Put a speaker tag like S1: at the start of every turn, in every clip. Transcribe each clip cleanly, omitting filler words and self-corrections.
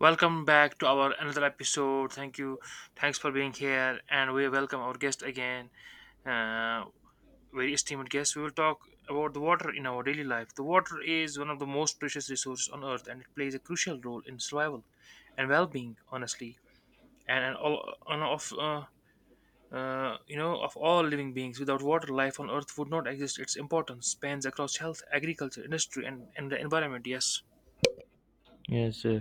S1: Welcome back to our another episode. Thank you. Thanks for being here. And we welcome our guest again, uh, very esteemed guest. We will talk about the water in our daily life. The water is one of the most precious resources on earth, and it plays a crucial role in survival and well being, honestly. And all and of you know of all living beings, without water life on earth would not exist. Its importance spans across health, agriculture, industry, and the environment, yes.
S2: Yes, uh,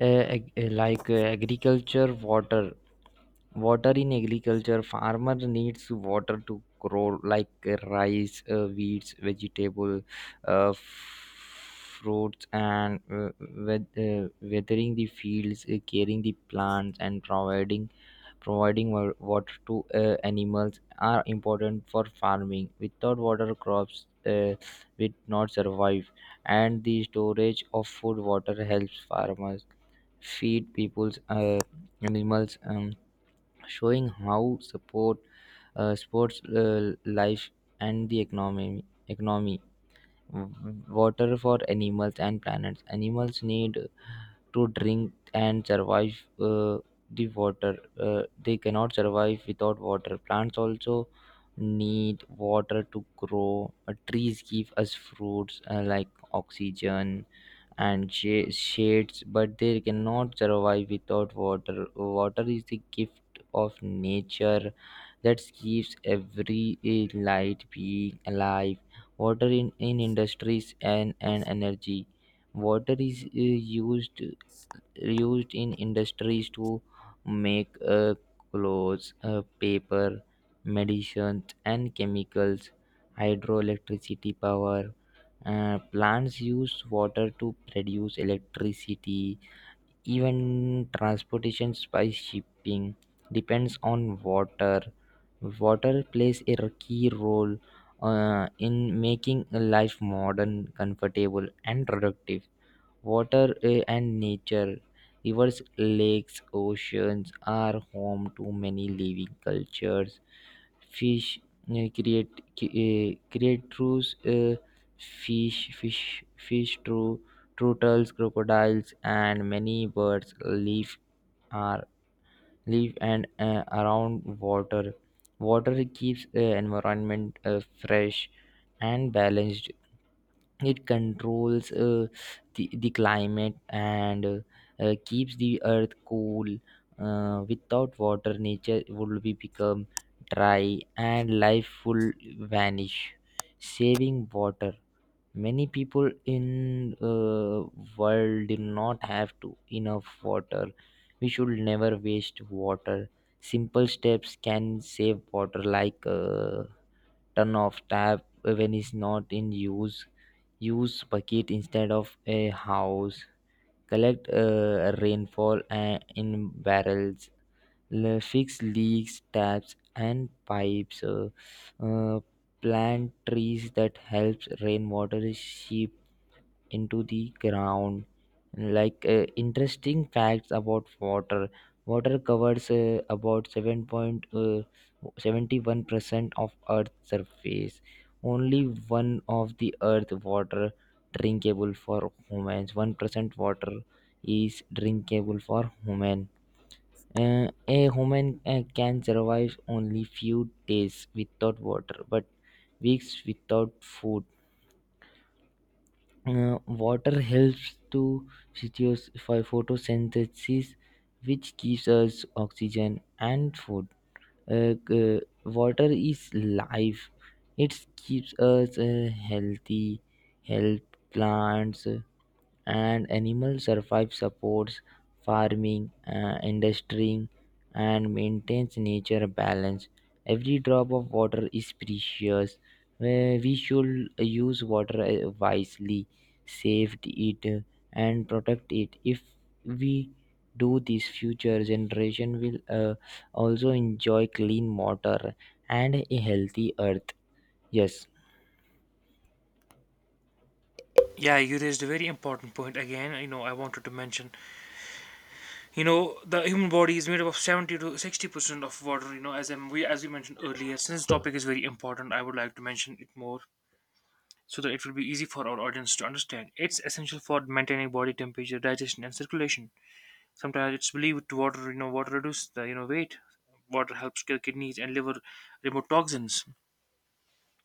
S2: uh, ag- uh, like uh, agriculture, water in agriculture, farmer needs water to grow like rice, wheats, vegetable, fruits, and weathering the fields, caring the plants, and providing water to animals are important for farming. Without water, crops will not survive, and the storage of food water helps farmers feed people's animals, showing how support sports life and the economy. Water for animals and planets, animals need to drink and survive uh, the water, they cannot survive without water. Plants also need water to grow. Trees give us fruits, like oxygen and shades, but they cannot survive without water. Water is the gift of nature that keeps every light being alive. Water in industries, and energy. Water is used in industries to make clothes, paper, medicines, and chemicals. Hydroelectricity power plants use water to produce electricity. Even transportation by shipping depends on water. Water plays a key role in making life modern, comfortable, and productive. Water and nature. Rivers, lakes, oceans are home to many living cultures. Fish eh, create eh, create through eh, fish through turtles, crocodiles, and many birds are live and around water. Water keeps environment fresh and balanced. It controls the climate, and keeps the earth cool. Without water, nature would be become dry and life will vanish. Saving water, many people in world do not have to enough water. We should never waste water. Simple steps can save water, like turn off tap when it's not in use, use bucket instead of a house, collect rainfall in barrels, fix leaks taps and pipes, uh, plant trees that helps rainwater is into the ground. Like interesting facts about water. Water covers about 7.71% of earth's surface. Only one of the earth water drinkable for humans. 1% water is drinkable for human. Uh, a human can survive only few days without water, but weeks without food. Water helps to sitios for photosynthesis, which gives us oxygen and food. Water is life. It keeps us healthy, help plants, and animal survive, supports farming, industry, and maintains nature balance. Every drop of water is precious. We should use water wisely, save it, and protect it. If we do this, future generation will also enjoy clean water and a healthy earth. Yes.
S1: Yeah, you raised a very important point again. You know, I wanted to mention, you know, the human body is made up of 70 to 60% of water. You know, as I'm, we as we mentioned earlier, since this topic is very important, I would like to mention it more so that it will be easy for our audience to understand. It's essential for maintaining body temperature, digestion and circulation. Sometimes it's believed to water, you know, water reduces the, you know, weight. Water helps kill kidneys and liver, remove toxins,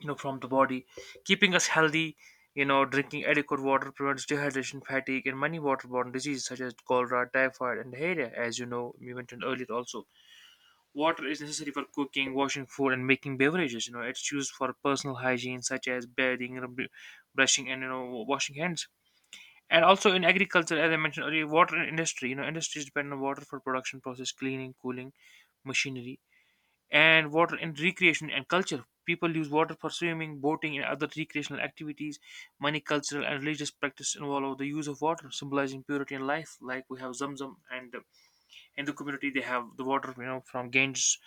S1: you know, from the body, keeping us healthy. You know, drinking adequate water prevents dehydration, fatigue and many waterborne diseases such as cholera, typhoid and diarrhea, as you know, we mentioned earlier also. Water is necessary for cooking, washing food and making beverages. You know, it's used for personal hygiene such as bathing, brushing and, you know, washing hands, and also in agriculture, as I mentioned earlier. Water in industry: you know, industries depend on water for production process, cleaning, cooling machinery. And water in recreation and culture. People use water for swimming, boating, and other recreational activities. Many cultural and religious practices involve the use of water, symbolizing purity and life. Like we have Zamzam, and in the community they have the water, you know, from Ganges.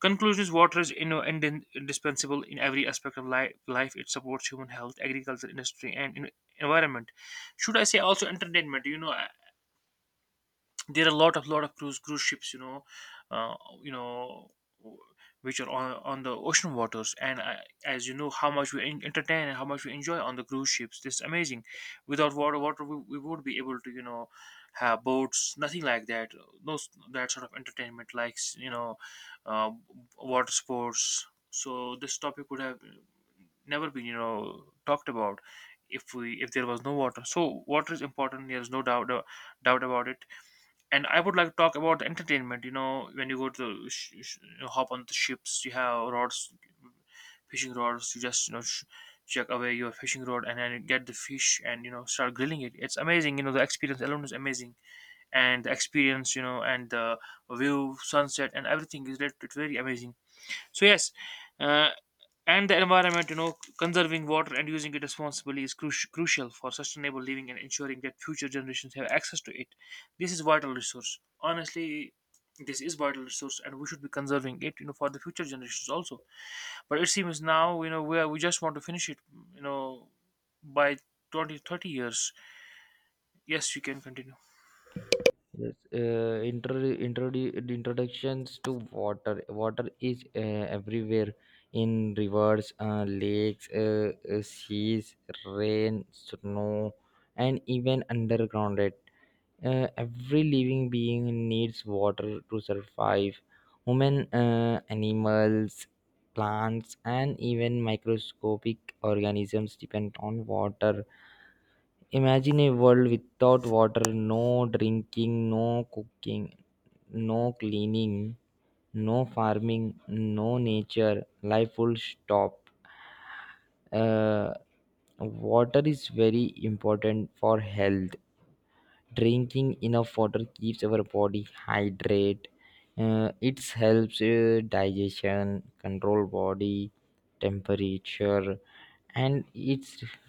S1: Conclusions: water is, you know, indispensable in every aspect of life. It supports human health, agriculture, industry, and environment. Should I say also entertainment? You know, there are a lot of cruise ships, you know, uh, you know, which are on the ocean waters, and as you know how much we entertain and how much we enjoy on the cruise ships. This is amazing. Without water, we would be able to, you know, have boats, nothing like that, no s- that sort of entertainment like, you know, uh, water sports. So this topic would have never been, you know, talked about if we if there was no water. So water is important, there's no doubt, about it. And I would like to talk about entertainment. You know, when you go to the you know, hop on the ships, you have rods, fishing rods. You just, you know, check away your fishing rod and then get the fish, and you know, start grilling it. It's amazing. You know, the experience alone is amazing, and the experience, you know, and the view, sunset, and everything is it's very amazing. So yes, uh, and the environment, you know, conserving water and using it responsibly is crucial for sustainable living and ensuring that future generations have access to it. This is vital resource. Honestly, this is vital resource, and we should be conserving it, you know, for the future generations also. But it seems now, you know, we are, we just want to finish it, you know, by 2030 years. Yes, you can continue.
S2: Yes, introductions to water. Water is everywhere, in rivers, lakes, seas, rain, snow, and even underground. Every living being needs water to survive. Human, animals, plants, and even microscopic organisms depend on water. Imagine a world without water, no drinking, no cooking, no cleaning, no farming, no nature. Life will stop. Uh, water is very important for health. Drinking enough water keeps our body hydrate. It helps digestion, control body temperature, and it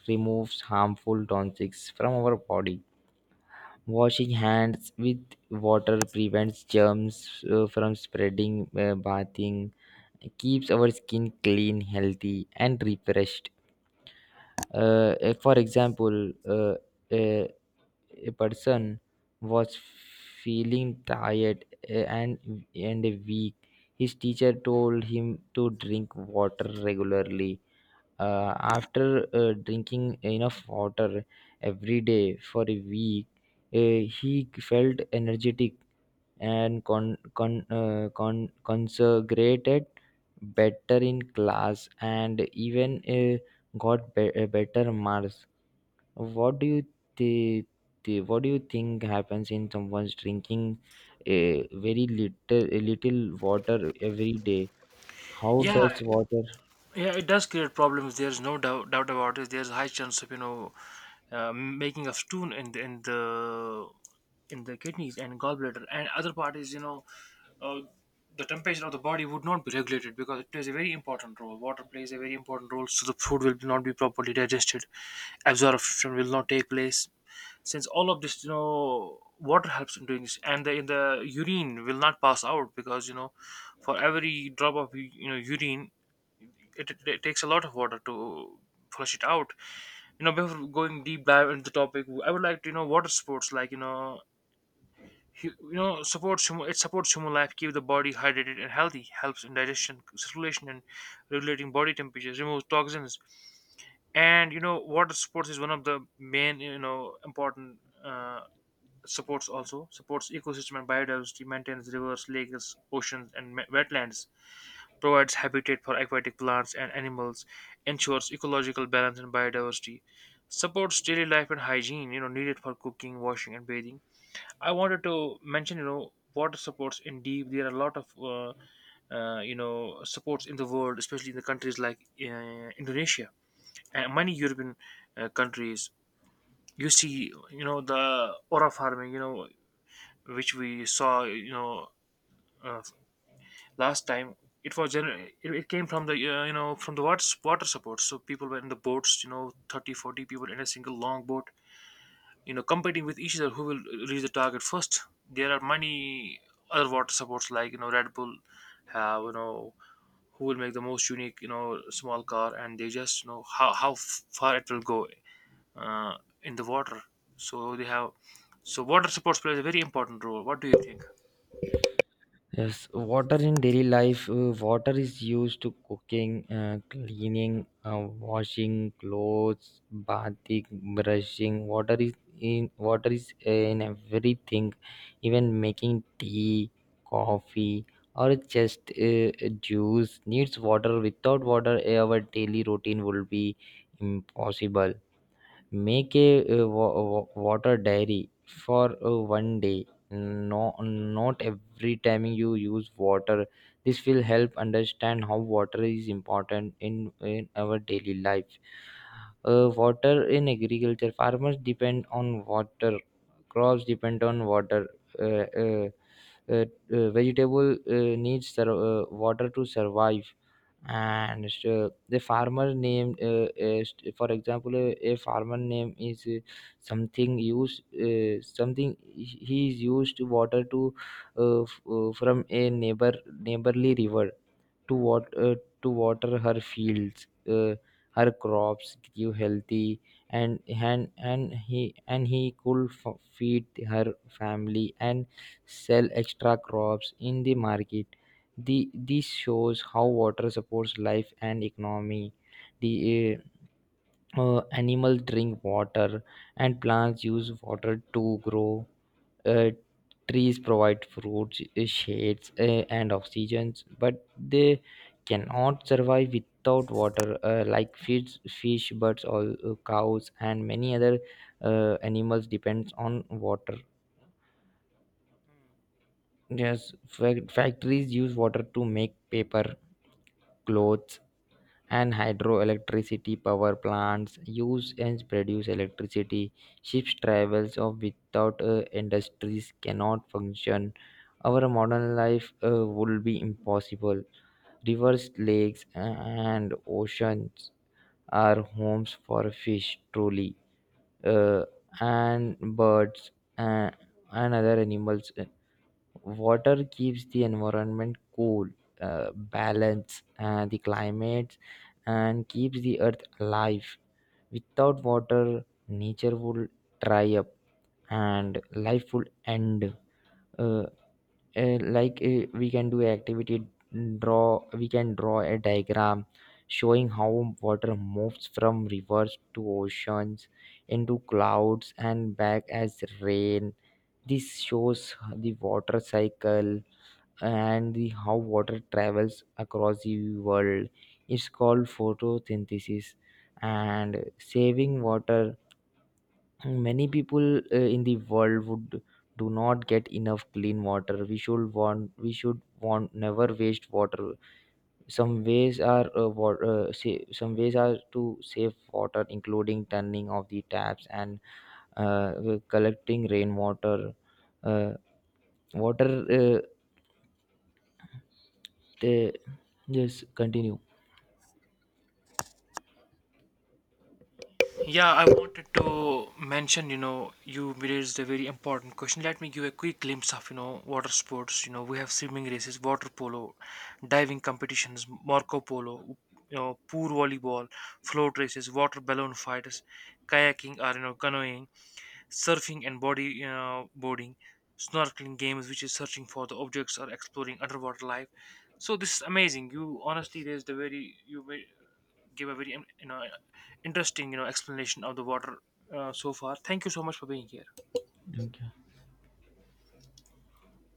S2: removes harmful toxins from our body. Washing hands with water prevents germs from spreading. Bathing keeps our skin clean, healthy, and refreshed. Uh, for example, a, a person was feeling tired, and weak. His teacher told him to drink water regularly. After drinking enough water every day for a week, he felt energetic and consecrated better in class, and even got better marks. What do you th- th- what do you think happens in someone's drinking uh, very little water every day. How
S1: Yeah,
S2: does water.
S1: Yeah, it does create problems. There's no doubt, about it. There's a high chance of, you know, making of stone in the kidneys and gallbladder, and other part is, you know, uh, the temperature of the body would not be regulated because it plays a very important role. Water plays a very important role, so the food will not be properly digested. Absorption will not take place, since all of this, you know, water helps in doing this. And the in the urine will not pass out because, you know, for every drop of you know, urine, it takes a lot of water to flush it out. You know, before going deep dive into the topic, I would like to, you know, water sports like, you know, you know, supports human. It supports human life, keep the body hydrated and healthy, helps in digestion, circulation and regulating body temperatures, removes toxins. And you know, water sports is one of the main, you know, important, uh, supports also, supports ecosystem and biodiversity, maintains rivers, lakes, oceans and wetlands, provides habitat for aquatic plants and animals, ensures ecological balance and biodiversity, supports daily life and hygiene, you know, needed for cooking, washing and bathing. I wanted to mention, you know, water supports in deep. There are a lot of you know, supports in the world, especially in the countries like Indonesia and many European countries. You see, you know, the aura farming, you know, which we saw, you know, uh, last time. It was it came from the, you know, from the water support. So people were in the boats, you know, 30 40 people in a single long boat, you know, competing with each other who will reach the target first. There are many other water supports like, you know, Red Bull have, you know, who will make the most unique, you know, small car, and they just, you know, how, far it will go uh, in the water. So they have, so water supports plays a very important role. What do you think?
S2: Yes, water in daily life. Water is used to cooking, cleaning, uh, washing clothes, bathing, brushing. Water is in everything, even making tea, coffee, or just juice needs water. Without water, our daily routine would be impossible. Make a water diary for one day. No, not every time you use water. This will help understand how water is important in our daily life. Water in agriculture. Farmers depend on water. Crops depend on water. Uh, uh, uh, uh, vegetable needs water to survive. And the farmer name is, for example, a farmer name is something used, something he is used to water to from a neighborly river to water her fields. Her crops give healthy, and and and he and he could feed her family and sell extra crops in the market. The This shows how water supports life and economy. The Animals drink water, and plants use water to grow. uh, Trees provide fruits, shades, and oxygen, but they cannot survive without water, like fish fish birds, or cows, and many other animals depends on water.
S1: Hmm.
S2: Yes, factories use water to make paper, clothes, and hydroelectricity power plants use and produce electricity. Ships travels of. Without industries cannot function, our modern life would be impossible. Rivers, lakes, and oceans are homes for fish, truly, uh, and birds, uh, and other animals. Water keeps the environment cool, balance the climate, and keeps the earth alive. Without water, nature would dry up and life would end. Uh, we can do activity. Draw we can draw a diagram showing how water moves from rivers to oceans, into clouds, and back as rain. This shows the water cycle, and the how water travels across the world. It's called photosynthesis. And saving water, many people in the world would do not get enough clean water. We should want never waste water. Some ways are to save water, including turning off the taps and collecting rainwater. Uh, water they, yes, continue.
S1: Yeah, I wanted to mention, you know, you raised a very important question. Let me give a quick glimpse of, you know, water sports. You know, we have swimming races, water polo, diving competitions, Marco Polo, you know, pool volleyball, float races, water balloon fights, kayaking or, you know, canoeing, surfing and body, you know, boarding, snorkeling games, which is searching for the objects or exploring underwater life. So this is amazing. You honestly raised a very, gave a very, you know, interesting, you know, explanation of the water so far. Thank you so much for being here.
S2: Okay.